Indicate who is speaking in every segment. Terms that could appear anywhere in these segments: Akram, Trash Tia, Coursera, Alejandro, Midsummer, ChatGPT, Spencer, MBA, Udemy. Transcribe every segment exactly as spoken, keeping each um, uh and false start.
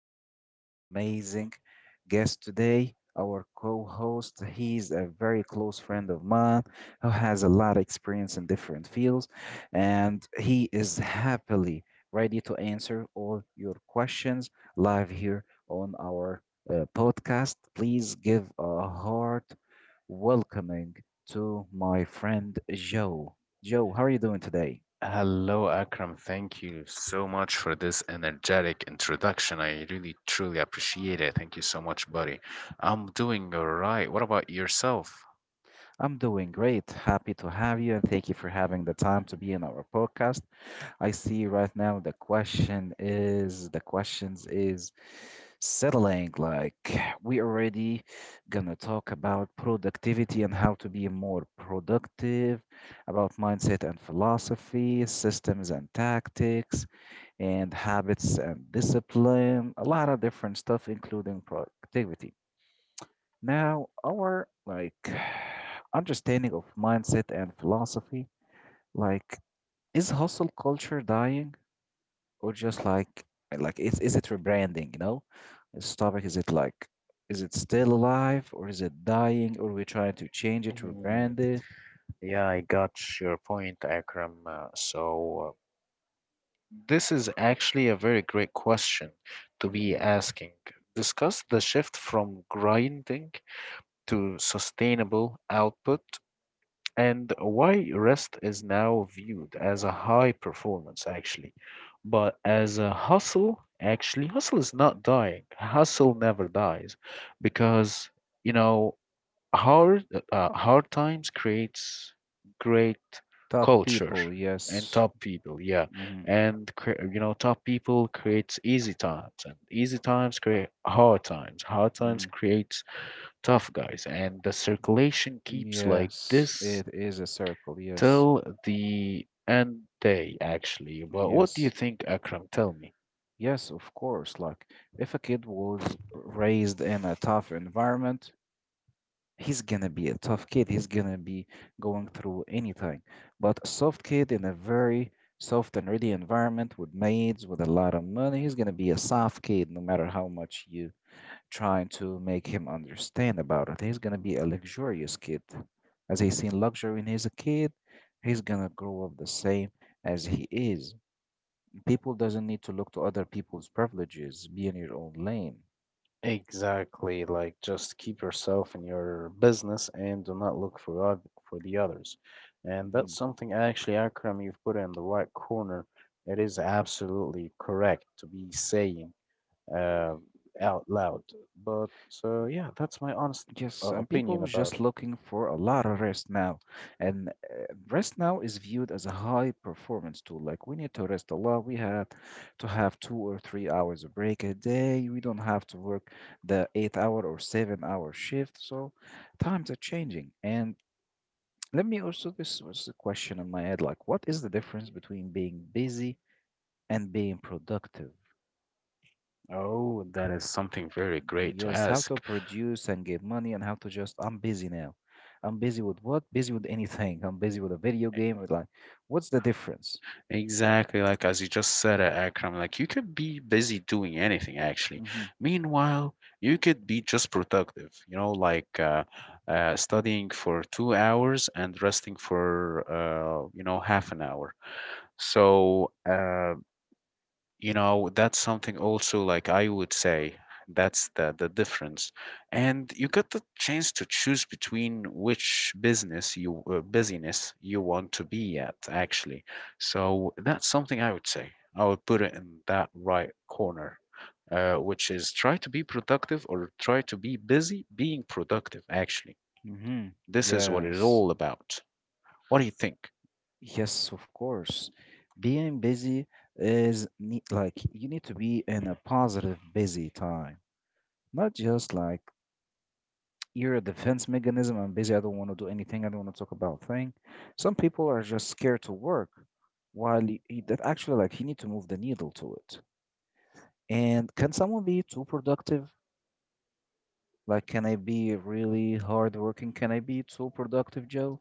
Speaker 1: We're having an amazing guest today. Our co host, he's a very close friend of mine who has a lot of experience in different fields, and he is happily ready to answer all your questions live here on our uh, podcast. Please give a heart welcoming to my friend Joe. Joe, how are you doing today?
Speaker 2: Hello, Akram. Thank you so much for this energetic introduction. I really truly appreciate it. Thank you so much, buddy. I'm doing all right. What about yourself?
Speaker 1: I'm doing great. Happy to have you and thank you for having the time to be in our podcast. I see right now the question is the questions is settling. Like we already gonna talk about productivity and how to be more productive, about mindset and philosophy, systems and tactics, and habits and discipline, a lot of different stuff including productivity. Now, our like understanding of mindset and philosophy, like is hustle culture dying or just like like is is it rebranding, you know? This topic, is it like is it still alive or is it dying, or we trying to change it,
Speaker 2: Mm,
Speaker 1: rebrand it?
Speaker 2: yeah, I got your point, Akram. Uh, so, uh, this is actually a very great question to
Speaker 1: Hmm.
Speaker 2: be asking. Discuss the shift from grinding to sustainable output and why rest is now viewed as a high performance actually, but as a hustle. Actually, hustle is not dying, hustle never dies because, you know, hard uh, uh, hard times creates great
Speaker 1: Tough
Speaker 2: culture
Speaker 1: people,
Speaker 2: and
Speaker 1: yes.
Speaker 2: top people, yeah.
Speaker 1: Hmm.
Speaker 2: And cre- you know, top people creates easy times, and easy times create hard times, hard times
Speaker 1: Hmm.
Speaker 2: creates tough guys, and the circulation keeps like
Speaker 1: Yes,
Speaker 2: this
Speaker 1: it is a circle, yes.
Speaker 2: till the end day, actually.
Speaker 1: Mm,
Speaker 2: But what do you
Speaker 1: yes.
Speaker 2: think, Akram? Tell me.
Speaker 1: Yes, of course. Like if a kid was raised in a tough environment, he's gonna be a tough kid. He's gonna be going through anything. But a soft kid in a very soft and ready environment with maids, with a lot of money, he's gonna be a soft kid no matter how much you trying to make him understand about it. He's gonna be a luxurious kid. As he's seen luxury when he's a kid, he's gonna grow up the same as he is. People doesn't need to look to other people's privileges. Be in your own lane.
Speaker 2: Exactly. Like, just keep yourself in your business and do not look for oth- for the others. And that's
Speaker 1: Mm.
Speaker 2: something actually, Akram, you've put in the right corner. It is absolutely correct to be saying uh, out loud. But uh, yeah, that's my honest
Speaker 1: Yes,
Speaker 2: uh,
Speaker 1: some
Speaker 2: opinion
Speaker 1: people
Speaker 2: about
Speaker 1: just
Speaker 2: it.
Speaker 1: looking for a lot of rest now, and uh, rest now is viewed as a high performance tool. Like we need to rest a lot. We have to have two or three hours of break a day. We don't have to work the eight hour or seven hour shift. So times are changing. And let me also, this was a question in my head. Like, what is the difference between being busy and being productive?
Speaker 2: Oh, that is something very great to
Speaker 1: Yes, how to
Speaker 2: ask.
Speaker 1: produce and get money, and how to just I'm busy now. I'm busy with what? Busy with anything. I'm busy with a video game. With like, what's the difference?
Speaker 2: Exactly, like as you just said, uh, Akram, like you could be busy doing anything actually.
Speaker 1: Mm-hmm.
Speaker 2: Meanwhile, you could be just productive, you know, like uh, uh, studying for two hours and resting for, uh, you know, half an hour. So, uh, you know, that's something also, like, I would say that's the the difference. And you got the chance to choose between which business you uh, business you want to be at, actually. So that's something I would say. I would put it in that right corner, uh, which is try to be productive or try to be busy being productive, actually.
Speaker 1: Mm-hmm.
Speaker 2: This is what it's
Speaker 1: Yes.
Speaker 2: all about. What do you think?
Speaker 1: Yes, of course. Being busy is ne- like you need to be in a positive busy time, not just like you're a defense mechanism. I'm busy. I don't want to do anything. I don't want to talk about thing. Some people are just scared to work, while y- y- that actually like you need to move the needle to it. And can someone be too productive? Like, can I be really hardworking? Can I be too productive, Joe?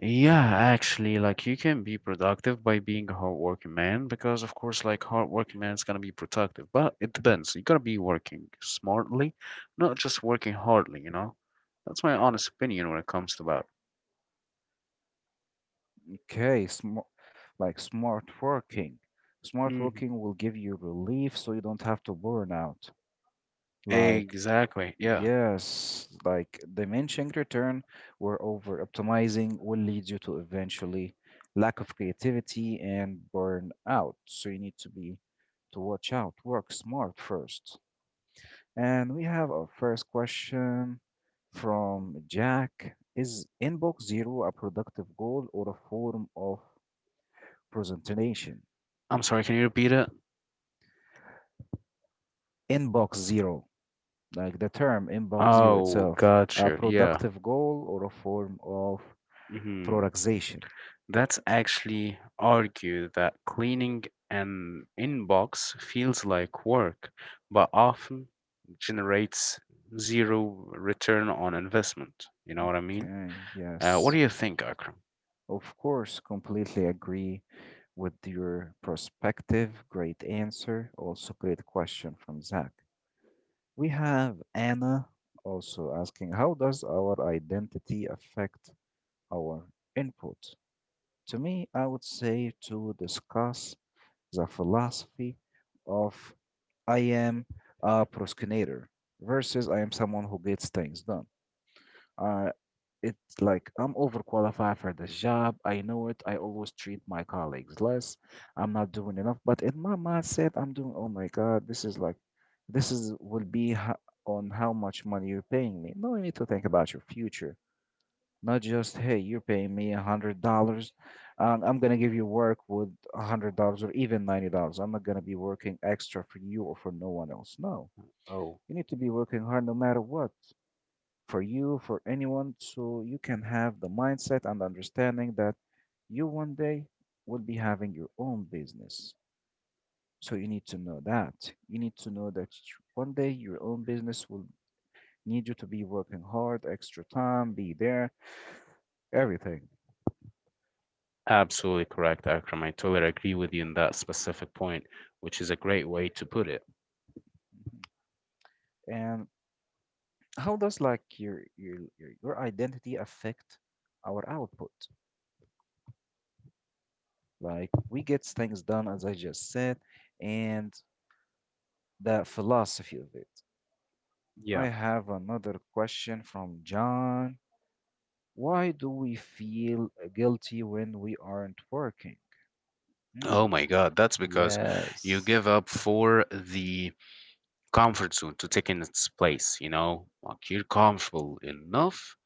Speaker 2: Yeah, actually, like you can be productive by being a hardworking man because, of course, like hardworking man is gonna be productive, but it depends. You gotta be working smartly, not just working hardly, you know? That's my honest opinion when it comes to that.
Speaker 1: Okay, smart, like smart working. Smart
Speaker 2: Mhm.
Speaker 1: working will give you relief so you don't have to burn out. Like,
Speaker 2: Exactly. Yeah.
Speaker 1: yes, like diminishing return or over optimizing will lead you to eventually lack of creativity and burn out. So you need to be to watch out, work smart first. And we have our first question from Jack. Is inbox zero a productive goal or a form of presentation?
Speaker 2: I'm sorry, can you repeat it?
Speaker 1: Inbox zero, like the term inbox zero
Speaker 2: Oh,
Speaker 1: itself, a
Speaker 2: gotcha. Yeah.
Speaker 1: productive goal or a form of
Speaker 2: Hmm.
Speaker 1: productization?
Speaker 2: That's actually argue that cleaning an inbox feels like work, but often generates zero return on investment. You know what I mean?
Speaker 1: Okay,
Speaker 2: Uh, what
Speaker 1: yes.
Speaker 2: do you think, Akram?
Speaker 1: Of course, completely agree with your perspective. Great answer. Also, great question from Zach. We have Anna also asking, how does our identity affect our input? To me, I would say to discuss the philosophy of I am a procrastinator versus I am someone who gets things done. I It's like I'm overqualified for this job. I know it. I always treat my colleagues less. I'm not doing enough. But in my mindset, I'm doing, oh my God, this is like, this is will be ho- on how much money you're paying me. No, you need to think about your future. Not just, hey, you're paying me a hundred dollars, and I'm gonna give you work with a hundred dollars or even ninety dollars. I'm not gonna be working extra for you or for no one else. No,
Speaker 2: Oh,
Speaker 1: you need to be working hard no matter what, for you, for anyone, so you can have the mindset and understanding that you one day will be having your own business. So you need to know that. You need to know that you- one day your own business will need you to be working hard, extra time, be there, everything.
Speaker 2: absolutely correct, Akram. I totally agree with you in that specific point, which is a great way to put it.
Speaker 1: Mhm. And how does like your your your your identity affect our output? Like we get things done, as I just said, and the philosophy of it. I
Speaker 2: Yeah.
Speaker 1: have another question from John. Why do we feel guilty when we aren't working?
Speaker 2: Oh
Speaker 1: Hmm,
Speaker 2: my God. That's because you
Speaker 1: yes,
Speaker 2: give up for the comfort zone to take in its place, you know? Like you're comfortable enough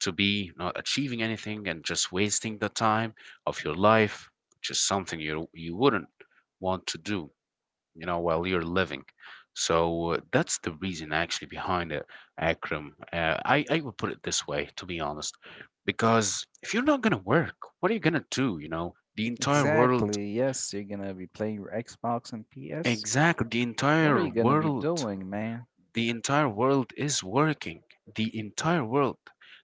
Speaker 2: to be not achieving anything and just wasting the time of your life, which is something you you wouldn't want to do, you know, while you're living. So uh, that's the reason actually behind it, Akram. Uh, I, I would put it this way, to be honest, because if you're not going to work, what are you going to do? You know, the entire world,
Speaker 1: exactly. Yes, you're gonna be playing your Xbox and P S.
Speaker 2: exactly, the
Speaker 1: What are
Speaker 2: entire
Speaker 1: you gonna be
Speaker 2: world,
Speaker 1: doing, man?
Speaker 2: the entire world is working. The entire world,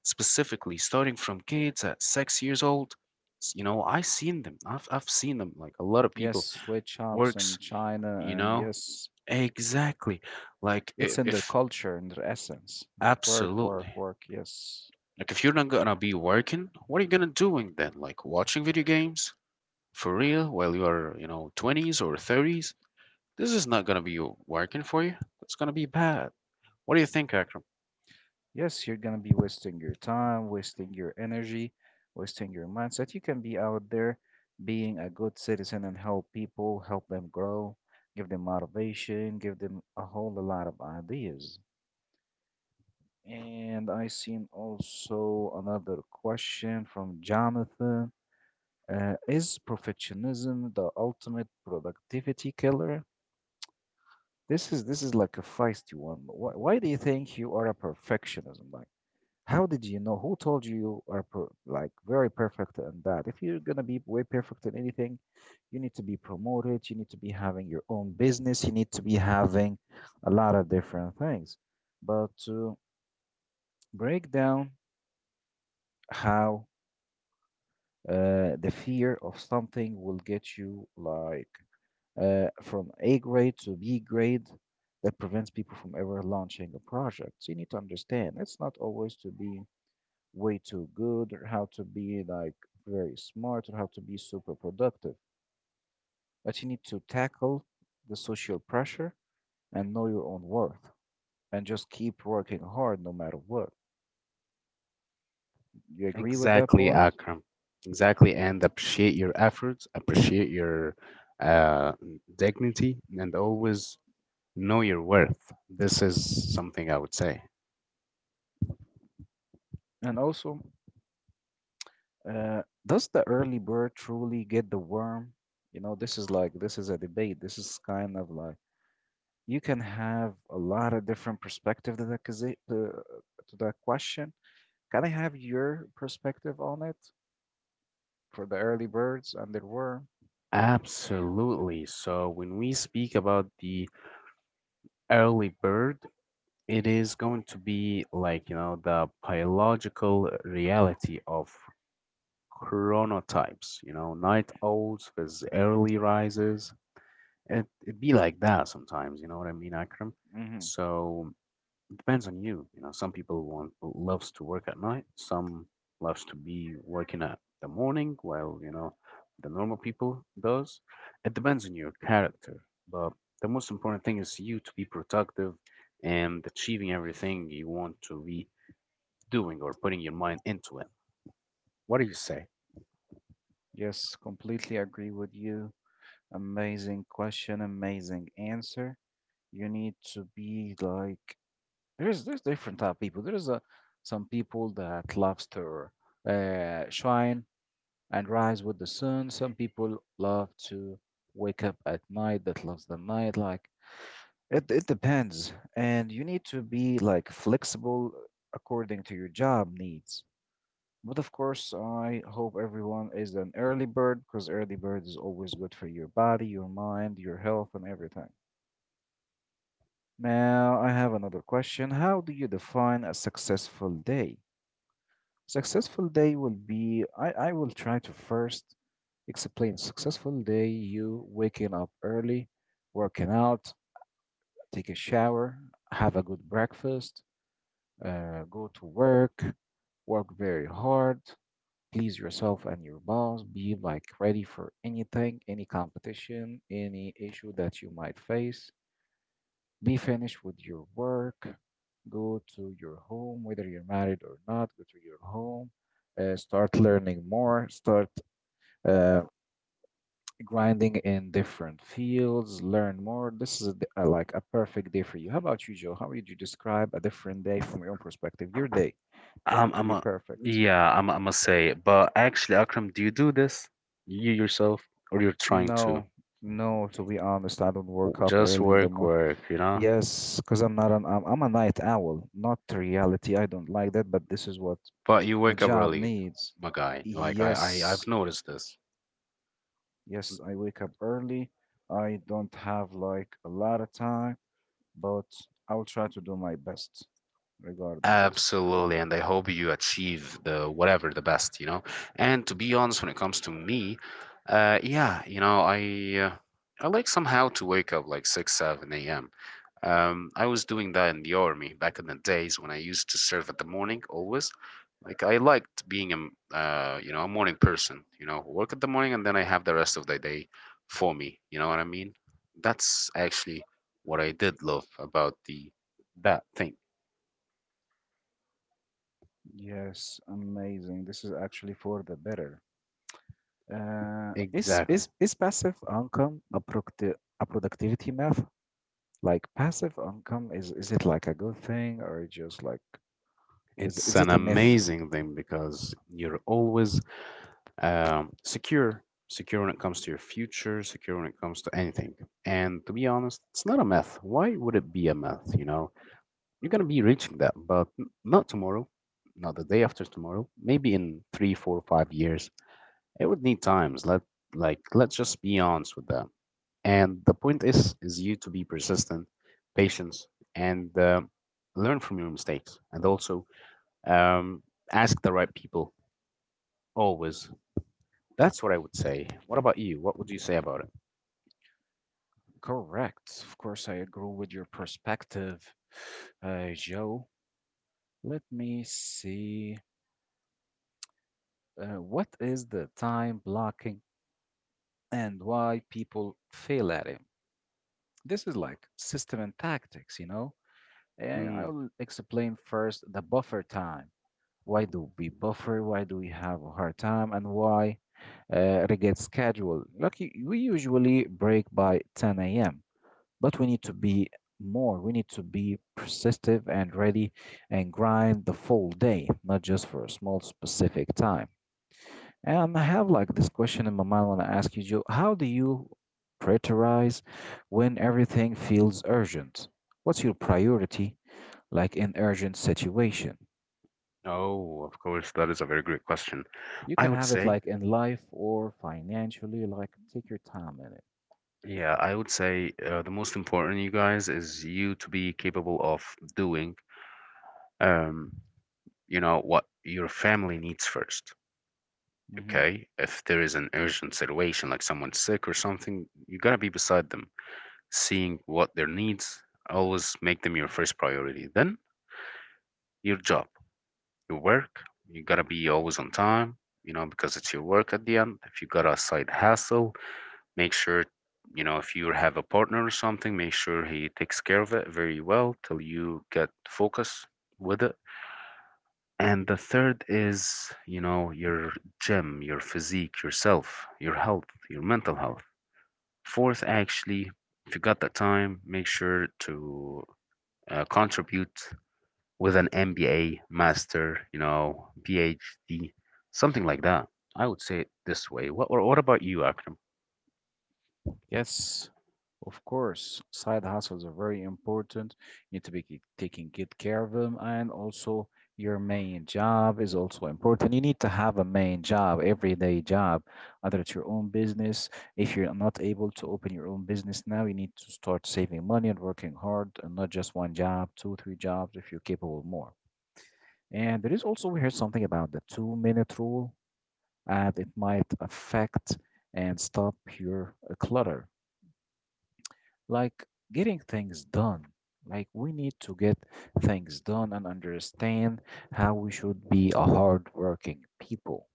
Speaker 2: specifically starting from kids at six years old. S- You know, I've seen them. I've, I've seen them. Like a lot of
Speaker 1: Yes,
Speaker 2: people
Speaker 1: Switch shops in
Speaker 2: works,
Speaker 1: China,
Speaker 2: you
Speaker 1: and
Speaker 2: know,
Speaker 1: yes,
Speaker 2: exactly like i-
Speaker 1: it's in their
Speaker 2: if
Speaker 1: culture and their essence. Work, work,
Speaker 2: absolutely.
Speaker 1: work. Yes.
Speaker 2: Like, if you're not gonna be working, what are you gonna doing then? Like, watching video games? For real? While you are, you know, twenties or thirties? This is not gonna be working for you. It's gonna be bad. What do you think, Akram?
Speaker 1: Yes, you're gonna be wasting your time, wasting your energy, wasting your mindset. You can be out there being a good citizen and help people, help them grow, give them motivation, give them a whole lot of ideas. And I seen also another question from Jonathan. Uh, is perfectionism the ultimate productivity killer? This is this is like a feisty one. Why, why do you think you are a perfectionism? How did you know? Who told you you are per like very perfect in that? If you're gonna be way perfect in anything, you need to be promoted. You need to be having your own business. You need to be having a lot of different things. But to break down how uh, the fear of something will get you like uh, from A grade to B grade that prevents people from ever launching a project. So you need to understand it's not always to be way too good or how to be like very smart or how to be super productive. But you need to tackle the social pressure and know your own worth and just keep working hard no matter what. You agree with that
Speaker 2: Exactly,
Speaker 1: point?
Speaker 2: Akram. Exactly, and appreciate your efforts, appreciate your uh, dignity, and always know your worth. This is something I would say.
Speaker 1: And also, uh, does the early bird truly get the worm? You know, this is like this is a debate. This is kind of like you can have a lot of different perspective to that, to, to that question. Can I have your perspective on it? For the early birds, and there were.
Speaker 2: Absolutely. So when we speak about the early bird, it is going to be like, you know, the biological reality of chronotypes, you know, night owls with early rises. It, it'd be like that sometimes, you know what I mean, Akram?
Speaker 1: Hmm.
Speaker 2: So it depends on you. You know, some people want loves to work at night, some loves to be working at the morning, while, you know, the normal people does. It depends on your character. But the most important thing is you to be productive and achieving everything you want to be doing or putting your mind into it. What do you say?
Speaker 1: Yes, completely agree with you. Amazing question, amazing answer. You need to be like there's there's different type of people. There's a some people that loves to uh, shine and rise with the sun. Some people love to wake up at night. That loves the night. Like it it depends, and you need to be like flexible according to your job needs. But of course, I hope everyone is an early bird because early bird is always good for your body, your mind, your health, and everything. Now, I have another question. How do you define a successful day? Successful day will be, I, I will try to first explain. Successful day, you waking up early, working out, take a shower, have a good breakfast, uh, go to work, work very hard, please yourself and your boss. Be like ready for anything, any competition, any issue that you might face. Be finished with your work. Go to your home, whether you're married or not, go to your home. Uh, start learning more. Start uh, grinding in different fields. Learn more. This is a d- uh, like a perfect day for you. How about you, Joe? How would you describe a different day from your own perspective? Your day, if you want
Speaker 2: Um,
Speaker 1: it to
Speaker 2: I'm
Speaker 1: be
Speaker 2: a,
Speaker 1: perfect.
Speaker 2: yeah, I'm I am I gonna say it. But actually, Akram, do you do this? You yourself, or you're trying to?
Speaker 1: No, no, to be honest, I don't work
Speaker 2: W-
Speaker 1: up
Speaker 2: Just
Speaker 1: early in the
Speaker 2: work,
Speaker 1: morning.
Speaker 2: work, you know?
Speaker 1: Yes, because I'm not an, I'm, I'm a night owl, not reality. I don't like that, but this is what
Speaker 2: But you
Speaker 1: the
Speaker 2: wake up
Speaker 1: job
Speaker 2: early,
Speaker 1: needs.
Speaker 2: my guy. Like I, I
Speaker 1: Yes,
Speaker 2: I've noticed this.
Speaker 1: yes, I wake up early. I don't have like a lot of time, but I'll try to do my best regarding this.
Speaker 2: Absolutely, and I hope you achieve the whatever the best, you know. And to be honest, when it comes to me, uh, yeah, you know, I uh, I like somehow to wake up like six, seven a m. Um, I was doing that in the army back in the days when I used to serve at the morning always. Like I liked being a m- uh, you know, a morning person, you know, work at the morning and then I have the rest of the day for me. You know what I mean? That's actually what I did love about the that thing.
Speaker 1: Yes, amazing. This is actually for the better. Uh, is
Speaker 2: Exactly.
Speaker 1: is is passive income a product a productivity math? Like passive income, is is it like a good thing or just like is
Speaker 2: It's
Speaker 1: is
Speaker 2: an
Speaker 1: it a myth?
Speaker 2: amazing thing because you're always um, secure, secure when it comes to your future, secure when it comes to anything. And to be honest, it's not a myth. Why would it be a myth? You know, you're going to be reaching that, but n- not tomorrow, not the day after tomorrow, maybe in three, four, five years. It would need times. Let like let's just be honest with that. And the point is, is you to be persistent, patient, and uh, learn from your mistakes, and also um, ask the right people always. That's what I would say. What about you? What would you say about it?
Speaker 1: Correct. Of course, I agree with your perspective, uh, Joe. Let me see. Uh, what is the time blocking and why people fail at it? This is like system and tactics, you know? And
Speaker 2: Mm.
Speaker 1: I'll explain first the buffer time. Why do we buffer? Why do we have a hard time? And why uh, regret schedule? Like y- we usually break by ten a m, but we need to be more. We need to be persistent and ready and grind the full day, not just for a small specific time. Um, I have like this question in my mind when I ask you, Joe. How do you prioritize when everything feels urgent? What's your priority like in urgent situation?
Speaker 2: Oh, of course, that is a very great question.
Speaker 1: You
Speaker 2: I
Speaker 1: can
Speaker 2: would
Speaker 1: have it
Speaker 2: say,
Speaker 1: like in life or financially, like take your time in it.
Speaker 2: yeah, I would say uh, the most important, you guys, is you to be capable of doing, um, you know, what your family needs first.
Speaker 1: Mm-hmm.
Speaker 2: Okay, if there is an urgent situation, like someone's sick or something, you gotta be beside them, seeing what their needs. Always make them your first priority. Then your job, your work. You gotta be always on time, you know, because it's your work at the end. If you got a side hustle, make sure, you know, if you have a partner or something, make sure he takes care of it very well till you get focus with it. And the third is, you know, your gym, your physique, yourself, your health, your mental health. Fourth, actually, if you got the time, make sure to uh, contribute with an M B A, master, you know, P H D, something like that. I would say it this way. What what what about you, Akram?
Speaker 1: Yes, of course. Side hustles are very important. You need to be ki- taking good care of them, and also your main job is also important. You need to have a main job, everyday job, either it's your own business. If you're not able to open your own business now, you need to start saving money and working hard, and not just one job, two, three jobs if you're capable more. And there is also we heard something about the two-minute rule, and it might affect and stop your uh, clutter, like getting things done. Like we need to get things done and understand how we should be a hardworking people.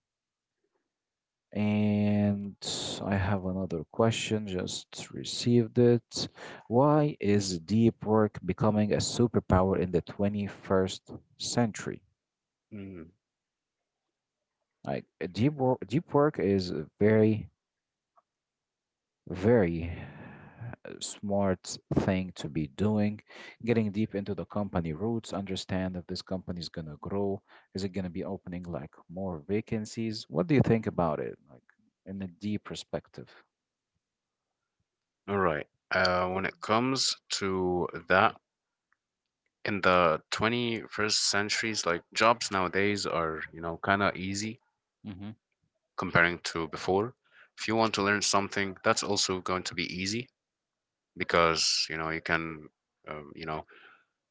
Speaker 1: And I have another question, just received it. Why is deep work becoming a superpower in the twenty-first century?
Speaker 2: Mm.
Speaker 1: Like uh, deep work, deep work is very Very uh, smart thing to be doing. Getting deep into the company roots, understand if this company is going to grow. Is it going to be opening like more vacancies? What do you think about it, like in a deep perspective?
Speaker 2: All right. Uh, when it comes to that, in the twenty-first centuries, like jobs nowadays are, you know, kind of easy
Speaker 1: Hmm.
Speaker 2: comparing to before. If you want to learn something, that's also going to be easy because, you know, you can, um, you know,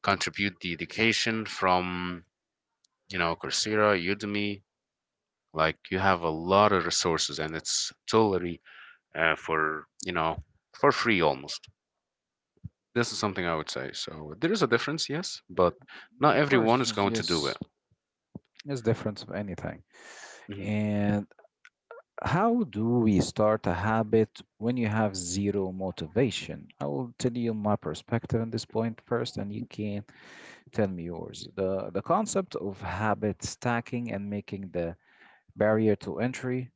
Speaker 2: contribute the education from, you know, Coursera, Udemy. Like you have a lot of resources and it's totally uh, for, you know, for free almost. This is something I would say. So there is a difference, yes, but not
Speaker 1: Of course,
Speaker 2: everyone is
Speaker 1: there's,
Speaker 2: going to do
Speaker 1: yes,
Speaker 2: it.
Speaker 1: there's difference of anything.
Speaker 2: Mhm.
Speaker 1: And how do we start a habit when you have zero motivation? I will tell you my perspective on this point first, and you can tell me yours. The, the concept of habit stacking and making the barrier to entry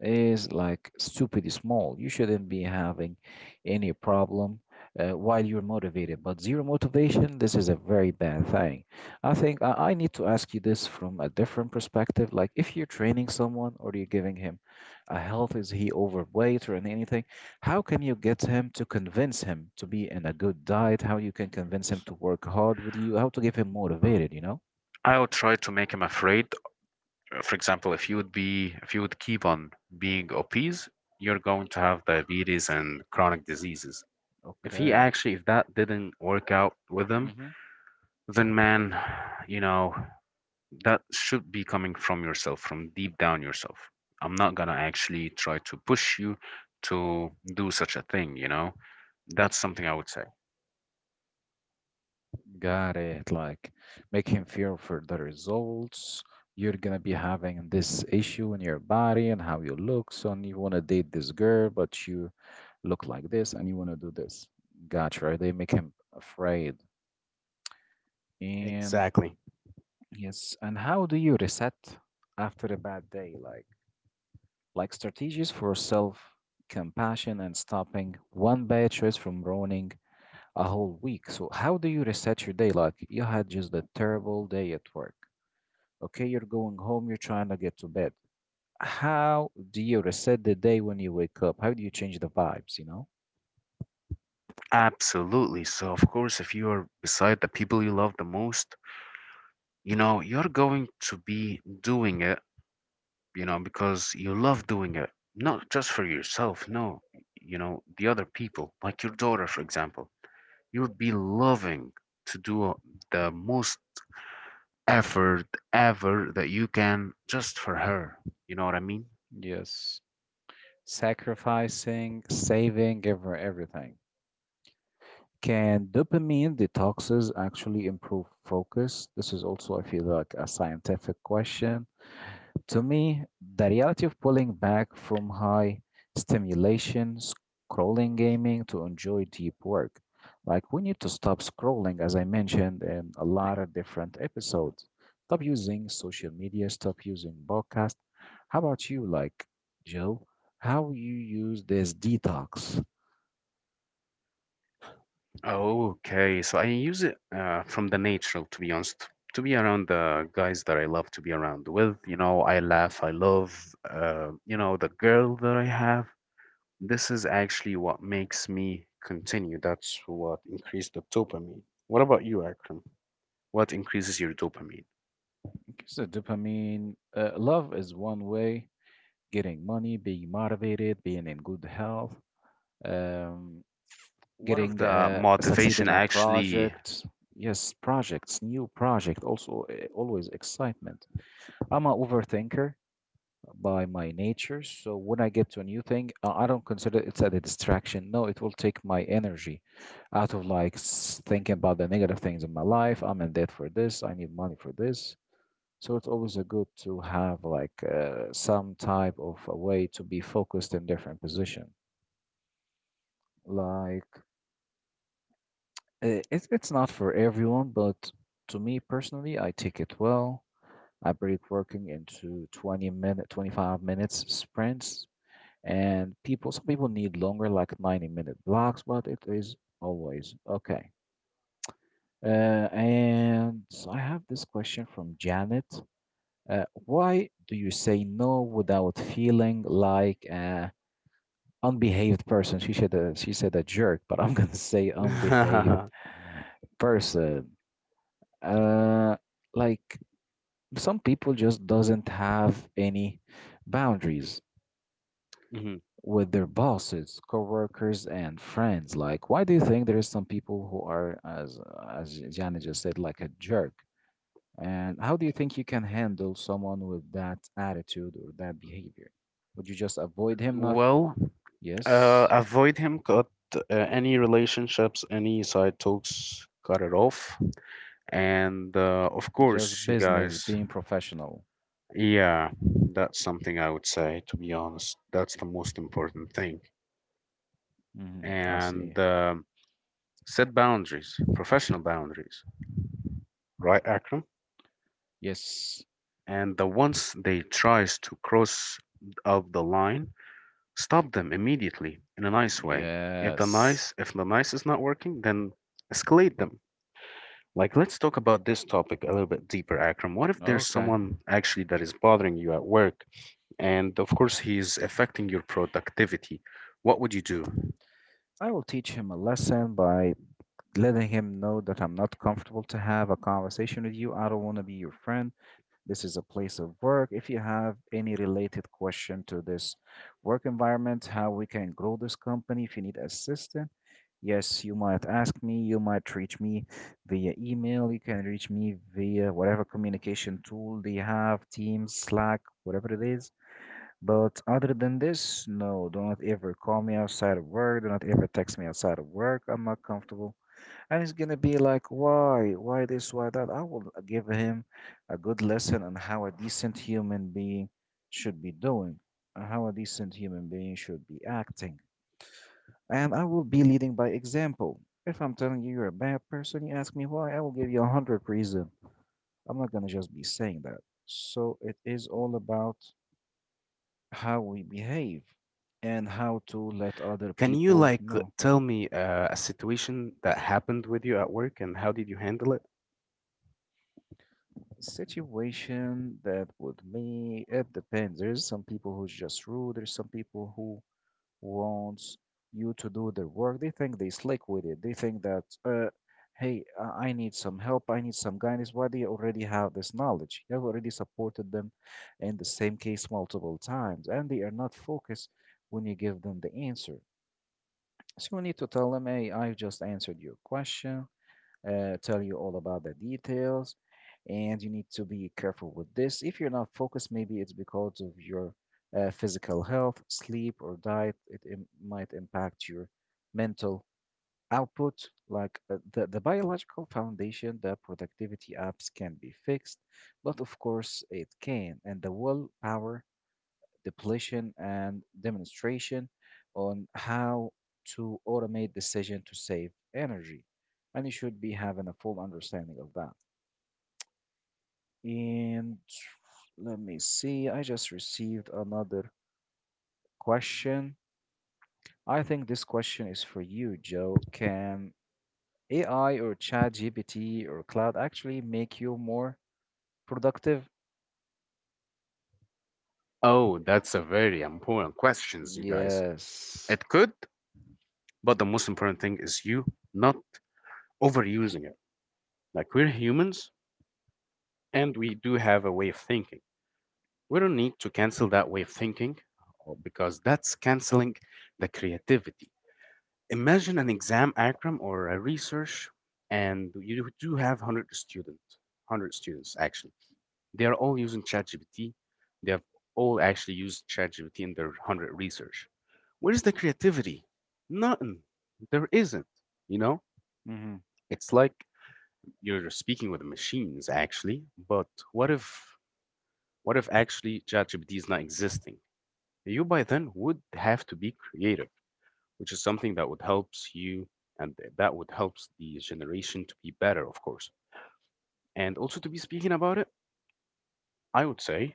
Speaker 1: is like stupid small. You shouldn't be having any problem uh, while you're motivated. But zero motivation, this is a very bad thing. I think I, I need to ask you this from a different perspective. Like, if you're training someone or you're giving him a health, is he overweight or an- anything? How can you get him to convince him to be in a good diet? How you can convince him to work hard with you? How to get him motivated, you know?
Speaker 2: I would try to make him afraid. For example, if you would be, if you would keep on being obese, you're going to have diabetes and chronic diseases. If he
Speaker 1: Okay.
Speaker 2: actually, if that didn't work out with him,
Speaker 1: Hmm.
Speaker 2: then man, you know, that should be coming from yourself, from deep down yourself. I'm not gonna actually try to push you to do such a thing, you know? That's something I would say.
Speaker 1: Got it. Like, make him feel for the results. You're gonna be having this issue in your body and how you look. So, and you wanna date this girl, but you look like this and you wanna do this. Gotcha, right? They make him afraid. And
Speaker 2: Exactly.
Speaker 1: yes, and how do you reset after a bad day? Like like strategies for self compassion and stopping one bad choice from ruining a whole week. So, how do you reset your day? Like, you had just a terrible day at work. Okay, you're going home, you're trying to get to bed. How do you reset the day when you wake up? How do you change the vibes, you know?
Speaker 2: Absolutely. So, of course, if you are beside the people you love the most, you know, you're going to be doing it, you know, because you love doing it, not just for yourself, no, you know, the other people, like your daughter, for example. You would be loving to do the most effort ever that you can just for her. You know what I mean?
Speaker 1: Yes. Sacrificing, saving, every, everything. Can dopamine detoxes actually improve focus? This is also, I feel like, a scientific question. To me, the reality of pulling back from high stimulation, scrolling gaming to enjoy deep work. Like, we need to stop scrolling, as I mentioned in a lot of different episodes. Stop using social media, stop using podcast. How about you, like, Joe? How you use this detox?
Speaker 2: Okay, so I use it uh, from the natural, to be honest, to be around the guys that I love to be around with. You know, I laugh, I love, uh, you know, the girl that I have. This is actually what makes me continue. That's what increased the dopamine. What about you, Akram? What increases your dopamine?
Speaker 1: So dopamine, uh, love is one way. Getting money, being motivated, being in good health, um,
Speaker 2: What if
Speaker 1: getting
Speaker 2: the
Speaker 1: uh, succeed
Speaker 2: motivation
Speaker 1: in a
Speaker 2: actually
Speaker 1: project. Yes, projects, new project. Also, uh, always excitement. I'm an overthinker by my nature, so when I get to a new thing, uh, I don't consider it's a distraction. No, it will take my energy out of like s- thinking about the negative things in my life. I'm in debt for this. I need money for this. So it's always a good to have like uh, some type of a way to be focused in different position. Like, uh, it's it's not for everyone, but to me personally, I take it well. I break working into twenty minute, twenty-five minutes sprints, and people some people need longer, like ninety minute blocks, but it is always okay. Uh, and so I have this question from Janet. Uh, why do you say no without feeling like an unbehaved person? She said a, she said a jerk, but I'm gonna say unbehaved person. Uh, like, some people just doesn't have any boundaries
Speaker 2: Mhm.
Speaker 1: with their bosses, coworkers, and friends. Like, why do you think there is some people who are, as as Gianni just said, like a jerk? And how do you think you can handle someone with that attitude or that behavior? Would you just avoid him? Not
Speaker 2: Well, uh,
Speaker 1: yes,
Speaker 2: avoid him, cut uh, any relationships, any side talks, cut it off. And uh, of
Speaker 1: just
Speaker 2: course, you
Speaker 1: business,
Speaker 2: guys,
Speaker 1: being professional.
Speaker 2: yeah, that's something I would say, to be honest. That's the most important thing.
Speaker 1: Hmm, I
Speaker 2: And
Speaker 1: see.
Speaker 2: um set boundaries, professional boundaries, right, Akram?
Speaker 1: Yes,
Speaker 2: And the once they tries to cross of the line, stop them immediately in a nice way. If the
Speaker 1: yes.
Speaker 2: nice, if the nice is not working, then escalate them. Like, let's talk about this topic a little bit deeper, Akram. What if there's
Speaker 1: Okay.
Speaker 2: someone actually that is bothering you at work, and of course, he's affecting your productivity? What would you do?
Speaker 1: I will teach him a lesson by letting him know that I'm not comfortable to have a conversation with you. I don't want to be your friend. This is a place of work. If you have any related question to this work environment, how we can grow this company, if you need assistance. Yes, you might ask me, you might reach me via email, you can reach me via whatever communication tool they have, Teams, Slack, whatever it is. But other than this, no, do not ever call me outside of work, do not ever text me outside of work. I'm not comfortable. And it's gonna be like, why, why this, why that? I will give him a good lesson on how a decent human being should be doing, and how a decent human being should be acting. And I will be leading by example. If I'm telling you you're a bad person, you ask me why, I will give you a hundred reasons. I'm not gonna just be saying that. So it is all about how we behave and how to let other
Speaker 2: Can you
Speaker 1: people
Speaker 2: like
Speaker 1: know.
Speaker 2: tell me uh, a situation that happened with you at work and how did you handle it?
Speaker 1: Situation that with me, it depends. There's some people who's just rude, there's some people who wants you to do their work. They think they slick with it. They think that, uh, hey, I I need some help. I need some guidance. Why do you already have this knowledge? You have already supported them in the same case multiple times, and they are not focused when you give them the answer. So you need to tell them, hey, I've just answered your question, uh, tell you all about the details. And you need to be careful with this. If you're not focused, maybe it's because of your uh, physical health, sleep, or diet. It im- might impact your mental output. Like, uh, the, the biological foundation, the productivity apps can be fixed, but of course it can. And the willpower depletion, and demonstration on how to automate decision to save energy. And you should be having a full understanding of that. And let me see, I just received another question. I think this question is for you, Joe. Can A I or ChatGPT or cloud actually make you more productive?
Speaker 2: Oh, that's a very important questions, you guys.
Speaker 1: Yes.
Speaker 2: It could, but the most important thing is you not overusing it. Like we're humans and we do have a way of thinking. We don't need to cancel that way of thinking uh, because that's canceling the creativity. Imagine an exam, Akram, or a research, and you do have one hundred students, one hundred students actually. They are all using ChatGPT. They have all actually used ChatGPT in their one hundred research. Where's the creativity? Nothing. There isn't. You know, it's like you're speaking with machines actually, but what if what if actually ChatGPT is not existing? You by then would have to be creative, which is something that would helps you and that would helps the generation to be better, of course. And also to be speaking about it, I would say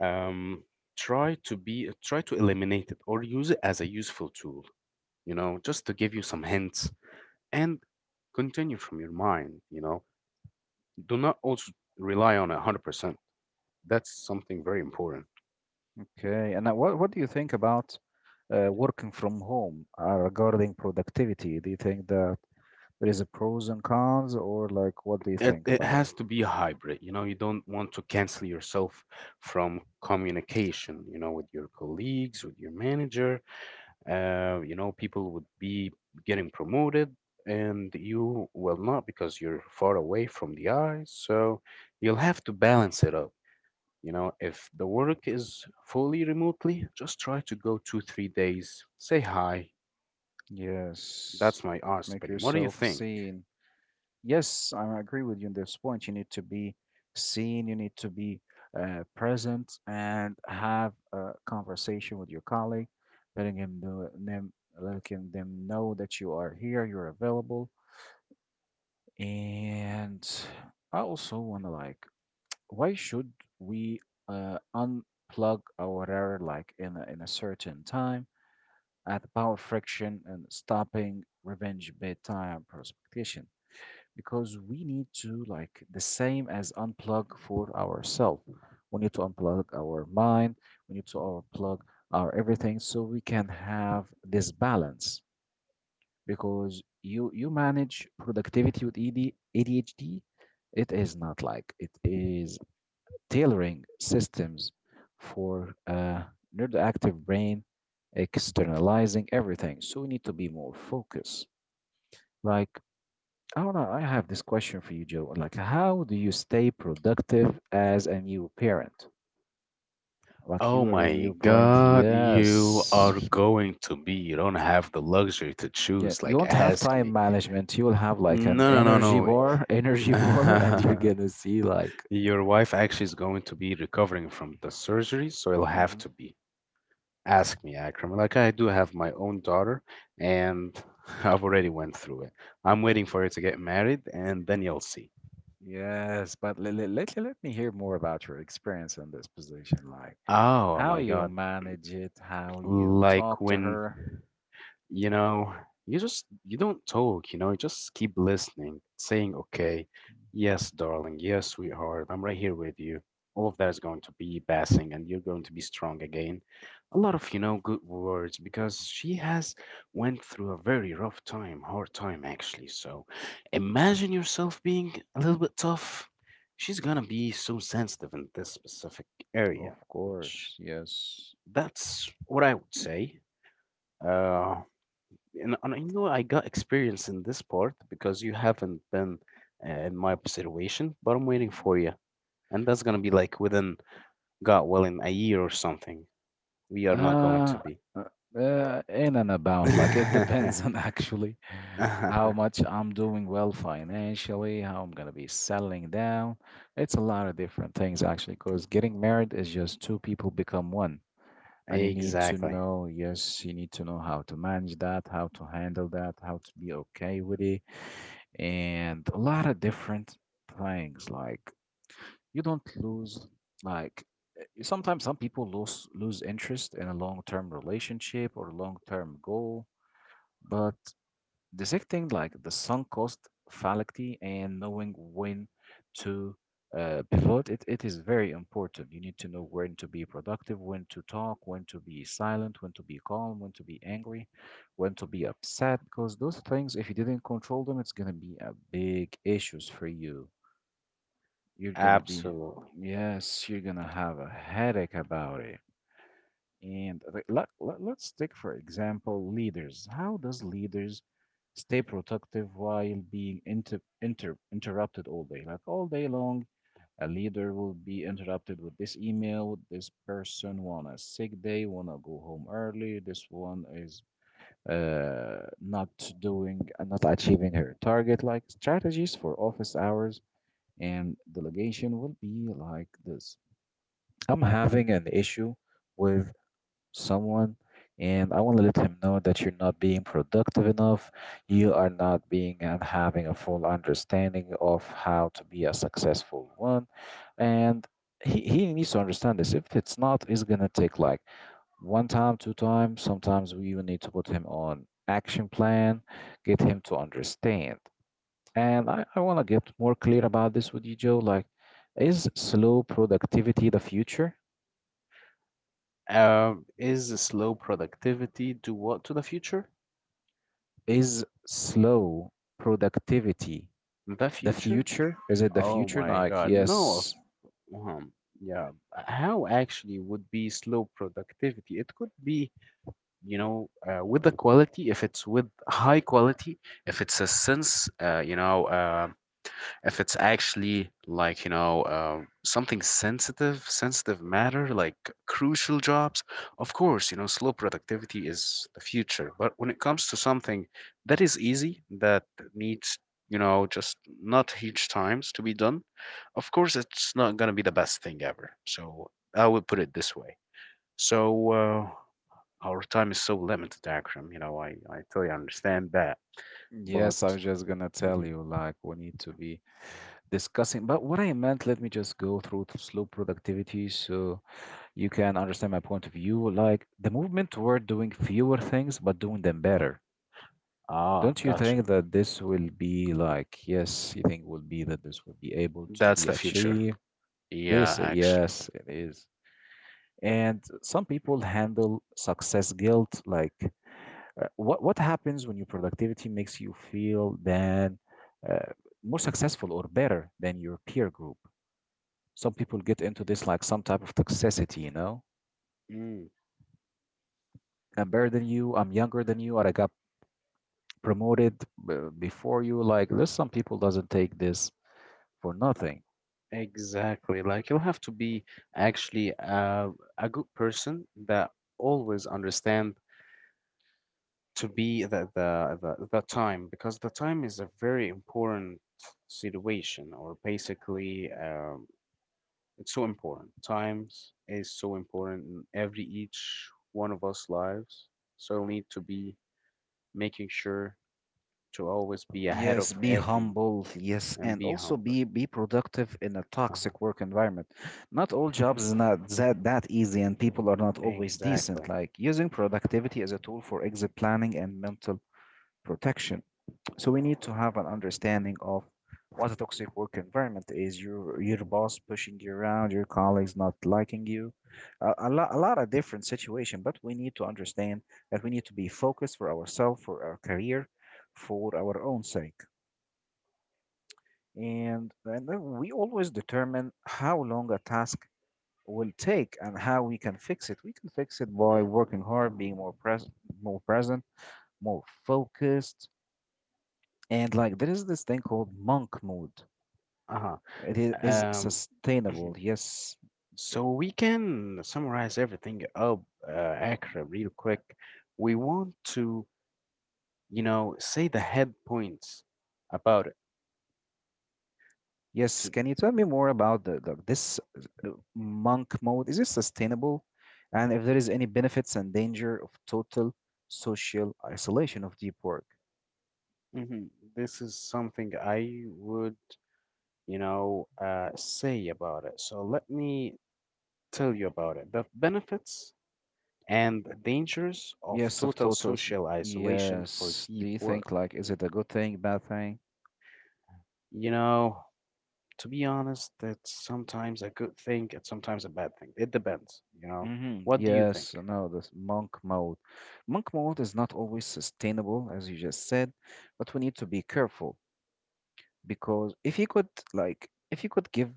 Speaker 2: um, try to be try to eliminate it or use it as a useful tool. You know, just to give you some hints and continue from your mind. You know, do not also rely on it one hundred percent. That's something very important.
Speaker 1: Okay. And now what what do you think about uh, working from home uh, regarding productivity? Do you think that there is a pros and cons, or like what do you
Speaker 2: it,
Speaker 1: think
Speaker 2: it
Speaker 1: about it?
Speaker 2: has to be a hybrid. You know, you don't want to cancel yourself from communication, you know, with your colleagues, with your manager. Uh, you know, people would be getting promoted and you will not because you're far away from the eyes, so you'll have to balance it up. You know, if the work is fully remotely, just try to go two three days, say hi.
Speaker 1: Yes,
Speaker 2: That's my honest
Speaker 1: make
Speaker 2: opinion. What do you
Speaker 1: yourself
Speaker 2: think?
Speaker 1: seen. Yes, I agree with you in this point. You need to be seen. You need to be uh, present and have a conversation with your colleague, letting him know, them, letting them know that you are here, you're available, and I also want to, like, why should we uh, unplug our router, like in a, in a certain time at the power friction and stopping revenge bedtime precipitation? Because we need to, like the same as unplug for ourselves. We need to unplug our mind. We need to unplug our everything so we can have this balance. Because you you manage productivity with E D, A D H D, it is not like it is tailoring systems for uh, neuroactive brain externalizing everything. So we need to be more focused. Like, I don't know, I have this question for you, Joe. Like, how do you stay productive as a new parent? Like,
Speaker 2: Oh
Speaker 1: you are a
Speaker 2: my
Speaker 1: new parent,
Speaker 2: God, you are
Speaker 1: yes.
Speaker 2: going to be. You don't have the luxury to
Speaker 1: Yeah,
Speaker 2: choose.
Speaker 1: you
Speaker 2: Like,
Speaker 1: won't have
Speaker 2: ask
Speaker 1: time
Speaker 2: me.
Speaker 1: management. You will have like an
Speaker 2: No, no,
Speaker 1: energy
Speaker 2: no,
Speaker 1: bar, energy bar, and you're
Speaker 2: no.
Speaker 1: gonna see like
Speaker 2: Your wife actually is going to be recovering from the surgery, so it'll have
Speaker 1: Mhm.
Speaker 2: to be. Ask me, Akram. Like, I do have my own daughter, and I've already went through it. I'm waiting for her to get married, and then you'll see.
Speaker 1: Yes, but let, let, let, let me hear more about your experience in this position, like
Speaker 2: Oh
Speaker 1: how
Speaker 2: my
Speaker 1: you
Speaker 2: God.
Speaker 1: manage it, how you
Speaker 2: Like
Speaker 1: talk to
Speaker 2: when.
Speaker 1: her.
Speaker 2: You know, you just, you don't talk, you know, you just keep listening, saying okay, yes darling, yes sweetheart, I'm right here with you. All of that is going to be passing and you're going to be strong again. A lot of, you know, good words, because she has went through a very rough time, hard time actually. So imagine yourself being a little bit tough. She's gonna be so sensitive in this specific area,
Speaker 1: Of
Speaker 2: which,
Speaker 1: course, yes.
Speaker 2: that's what I would say. uh and, and you know, I got experience in this part because you haven't been, uh, in my observation, but I'm waiting for you, and that's gonna be like within, God willing, a year or something. We are not going
Speaker 1: Uh,
Speaker 2: to be.
Speaker 1: uh, uh, in and about, like it depends on actually how much I'm doing well financially, how I'm gonna be settling down. It's a lot of different things actually, because getting married is just two people become one. And you need to
Speaker 2: Exactly.
Speaker 1: know, yes, you need to know how to manage that, how to handle that, how to be okay with it, and a lot of different things. Like, you don't lose, like, eh, sometimes some people lose lose interest in a long-term relationship or long-term goal, but dissecting like the sunk cost, fallacy, and knowing when to uh, pivot, it, it is very important. You need to know when to be productive, when to talk, when to be silent, when to be calm, when to be angry, when to be upset, because those things, if you didn't control them, it's gonna be a big issues for you. You're gonna be,
Speaker 2: Absolutely.
Speaker 1: yes, you're gonna have a headache about it. And re- let, let, let's take, for example, leaders. How does leaders stay productive while being inter, inter, interrupted all day? Like all day long, a leader will be interrupted with this email. This person want a sick day, want to go home early. This one is uh, not doing, uh, not achieving her target. Like strategies for office hours and delegation will be like this. I'm having an issue with someone and I want to let him know that you're not being productive enough. You are not being and having a full understanding of how to be a successful one. And he, he needs to understand this. If it's not, it's going to take like one time, two times. Sometimes we even need to put him on action plan, get him to understand. And I, I want to get more clear about this with you, Joe. Like, is slow productivity the future?
Speaker 2: Um, is the slow productivity do what to the future?
Speaker 1: Is slow productivity
Speaker 2: The
Speaker 1: the
Speaker 2: future?
Speaker 1: future? Is it the
Speaker 2: Oh
Speaker 1: future?
Speaker 2: my
Speaker 1: Like,
Speaker 2: God, no. Of,
Speaker 1: yes.
Speaker 2: um, yeah. How actually would be slow productivity? It could be, you know, uh, with the quality, if it's with high quality, if it's a sense, uh, you know, uh, if it's actually like, you know, uh, something sensitive sensitive matter, like crucial jobs, of course, you know, slow productivity is the future. But when it comes to something that is easy, that needs, you know, just not huge times to be done, of course it's not going to be the best thing ever. So I would put it this way. So uh, our time is so limited, Akram. You know, I, I totally understand that. But,
Speaker 1: Yes, I was just gonna tell
Speaker 2: mhm.
Speaker 1: you, like, we need to be discussing. But what I meant, let me just go through to slow productivity. So, you can understand my point of view. Like the movement toward doing fewer things but doing them better.
Speaker 2: Ah,
Speaker 1: Don't you think
Speaker 2: gotcha.
Speaker 1: that this will be like, yes, you think will be that this will be able to
Speaker 2: That's
Speaker 1: be
Speaker 2: the future.
Speaker 1: achieved?
Speaker 2: Yeah,
Speaker 1: This,
Speaker 2: actually.
Speaker 1: yes, it is. And some people handle success guilt like uh, what what happens when your productivity makes you feel than uh, more successful or better than your peer group? Some people get into this like some type of toxicity, you know?
Speaker 2: Mm,
Speaker 1: I'm better than you, I'm younger than you, or I got promoted uh, before you. Like there's some people doesn't take this for nothing.
Speaker 2: exactly. Like, you'll have to be actually uh, a good person that always understand to be the, the, the, the time, because the time is a very important situation, or basically um, it's so important. Times is so important in every each one of us lives. So we need to be making sure to always be ahead
Speaker 1: Yes,
Speaker 2: of
Speaker 1: be
Speaker 2: every,
Speaker 1: humble. Yes,
Speaker 2: and
Speaker 1: and
Speaker 2: be
Speaker 1: also
Speaker 2: humble.
Speaker 1: be be productive in a
Speaker 2: Uh-huh.
Speaker 1: toxic work environment. Not all jobs is not that that easy, and people are not always decent.
Speaker 2: Exactly.
Speaker 1: Like using productivity as a tool for exit planning and mental protection. So we need to have an understanding of what a toxic work environment is. Your your boss pushing you around, your colleagues not liking you, a, a lot a lot of different situation. But we need to understand that we need to be focused for ourselves, for our career, for our own sake. And, and then we always determine how long a task will take and how we can fix it. We can fix it by working hard, being more present, more present, more focused. And like there is this thing called monk mode.
Speaker 2: Uh-huh.
Speaker 1: It i- is
Speaker 2: Um,
Speaker 1: sustainable. Yes.
Speaker 2: so we can summarize everything up, uh, Akra, real quick. We want to, you know, say the head points about
Speaker 1: Yes.
Speaker 2: to.
Speaker 1: Can you tell me more about the, the this monk mode? Is it sustainable? And if there is any benefits and danger of total social isolation of deep work?
Speaker 2: Mhm. This is something I would, you know, uh, say about it. So let me tell you about it. The benefits and dangers of
Speaker 1: Yes, of
Speaker 2: total
Speaker 1: totals.
Speaker 2: social isolation for
Speaker 1: Yes. Do
Speaker 2: deep
Speaker 1: you
Speaker 2: work.
Speaker 1: think like is it a good thing, bad thing?
Speaker 2: You know, to be honest, that's sometimes a good thing, it's sometimes a bad thing. It depends, you know.
Speaker 1: Mm-hmm.
Speaker 2: What do you think?
Speaker 1: Yes. No, this monk mode. Monk mode is not always sustainable, as you just said, but we need to be careful because if you could like if you could give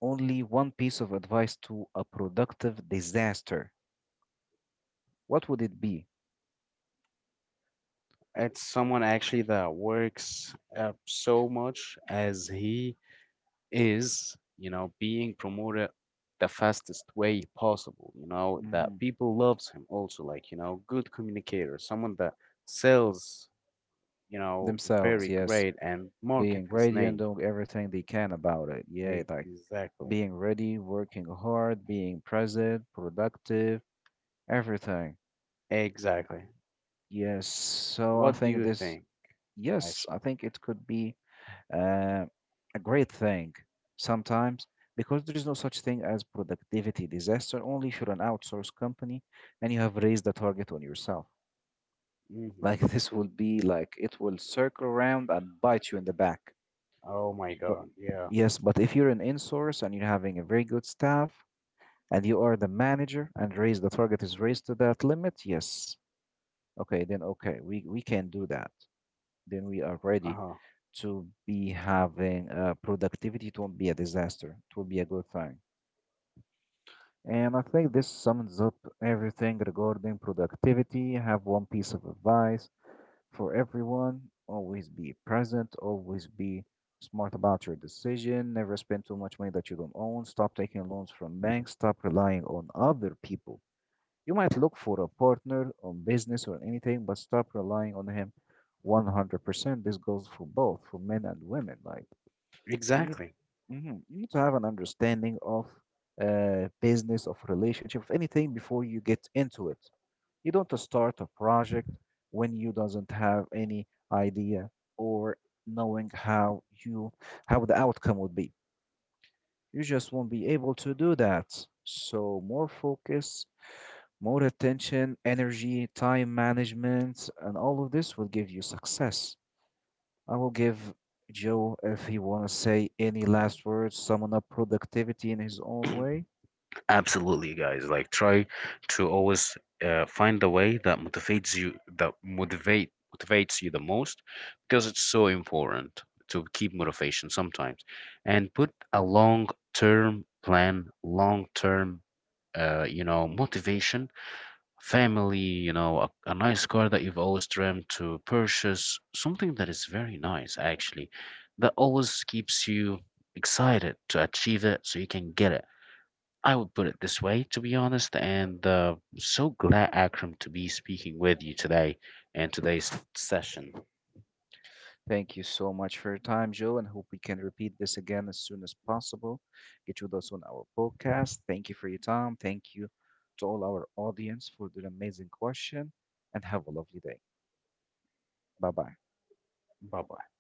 Speaker 1: only one piece of advice to a productive disaster, what would it be?
Speaker 2: It's someone actually that works uh, so much as he is, you know, being promoted the fastest way possible, you know,
Speaker 1: Mm-hmm.
Speaker 2: that people loves him also, like, you know, good communicator, someone that sells, you know,
Speaker 1: Themselves,
Speaker 2: very
Speaker 1: yes.
Speaker 2: great and market
Speaker 1: Being
Speaker 2: his
Speaker 1: ready and
Speaker 2: name.
Speaker 1: doing everything they can about it. Yeah, like
Speaker 2: Exactly.
Speaker 1: being ready, working hard, being present, productive, everything.
Speaker 2: Exactly.
Speaker 1: Yes, so I
Speaker 2: What do
Speaker 1: think
Speaker 2: you
Speaker 1: this,
Speaker 2: think,
Speaker 1: yes, I
Speaker 2: actually?
Speaker 1: think it could be uh, a great thing sometimes because there is no such thing as productivity disaster, only if you're an outsourced company and you have raised the target on yourself.
Speaker 2: Hmm.
Speaker 1: Like this will be like it will circle around and bite you in the back.
Speaker 2: Oh my
Speaker 1: But
Speaker 2: God. Yeah.
Speaker 1: yes, but if you're an in-source and you're having a very good staff, and you are the manager and raise the target is raised to that limit, yes. Okay, then okay, we, we can do that. Then we are ready
Speaker 2: Uh-huh.
Speaker 1: to be having uh, productivity. It won't be a disaster. It will be a good thing. And I think this sums up everything regarding productivity. I have one piece of advice for everyone. Always be present, always be smart about your decision, never spend too much money that you don't own, stop taking loans from banks, stop relying on other people. You might look for a partner on business or anything, but stop relying on him one hundred percent. This goes for both, for men and women. Like you need,
Speaker 2: Exactly.
Speaker 1: mhm, you need to have an understanding of uh, business, of relationship, of anything before you get into it. You don't just start a project when you doesn't have any idea or knowing how you how the outcome would be. You just won't be able to do that. So more focus more attention, energy, time management, and all of this will give you success. I will give Joe, if he want to say any last words, summon up productivity in his own way.
Speaker 2: Absolutely, guys. Like try to always uh, find the way that motivates you, that motivate motivates you the most, because it's so important to keep motivation sometimes, and put a long-term plan, long-term, uh, you know, motivation, family, you know, a, a nice car that you've always dreamt to purchase, something that is very nice, actually, that always keeps you excited to achieve it so you can get it. I would put it this way, to be honest, and uh, so glad, Akram, to be speaking with you today and today's session.
Speaker 1: Thank you so much for your time, Joe, and hope we can repeat this again as soon as possible. Get you with us on our podcast. Thank you for your time. Thank you to all our audience for their amazing question, and have a lovely day. Bye bye.
Speaker 2: Bye bye.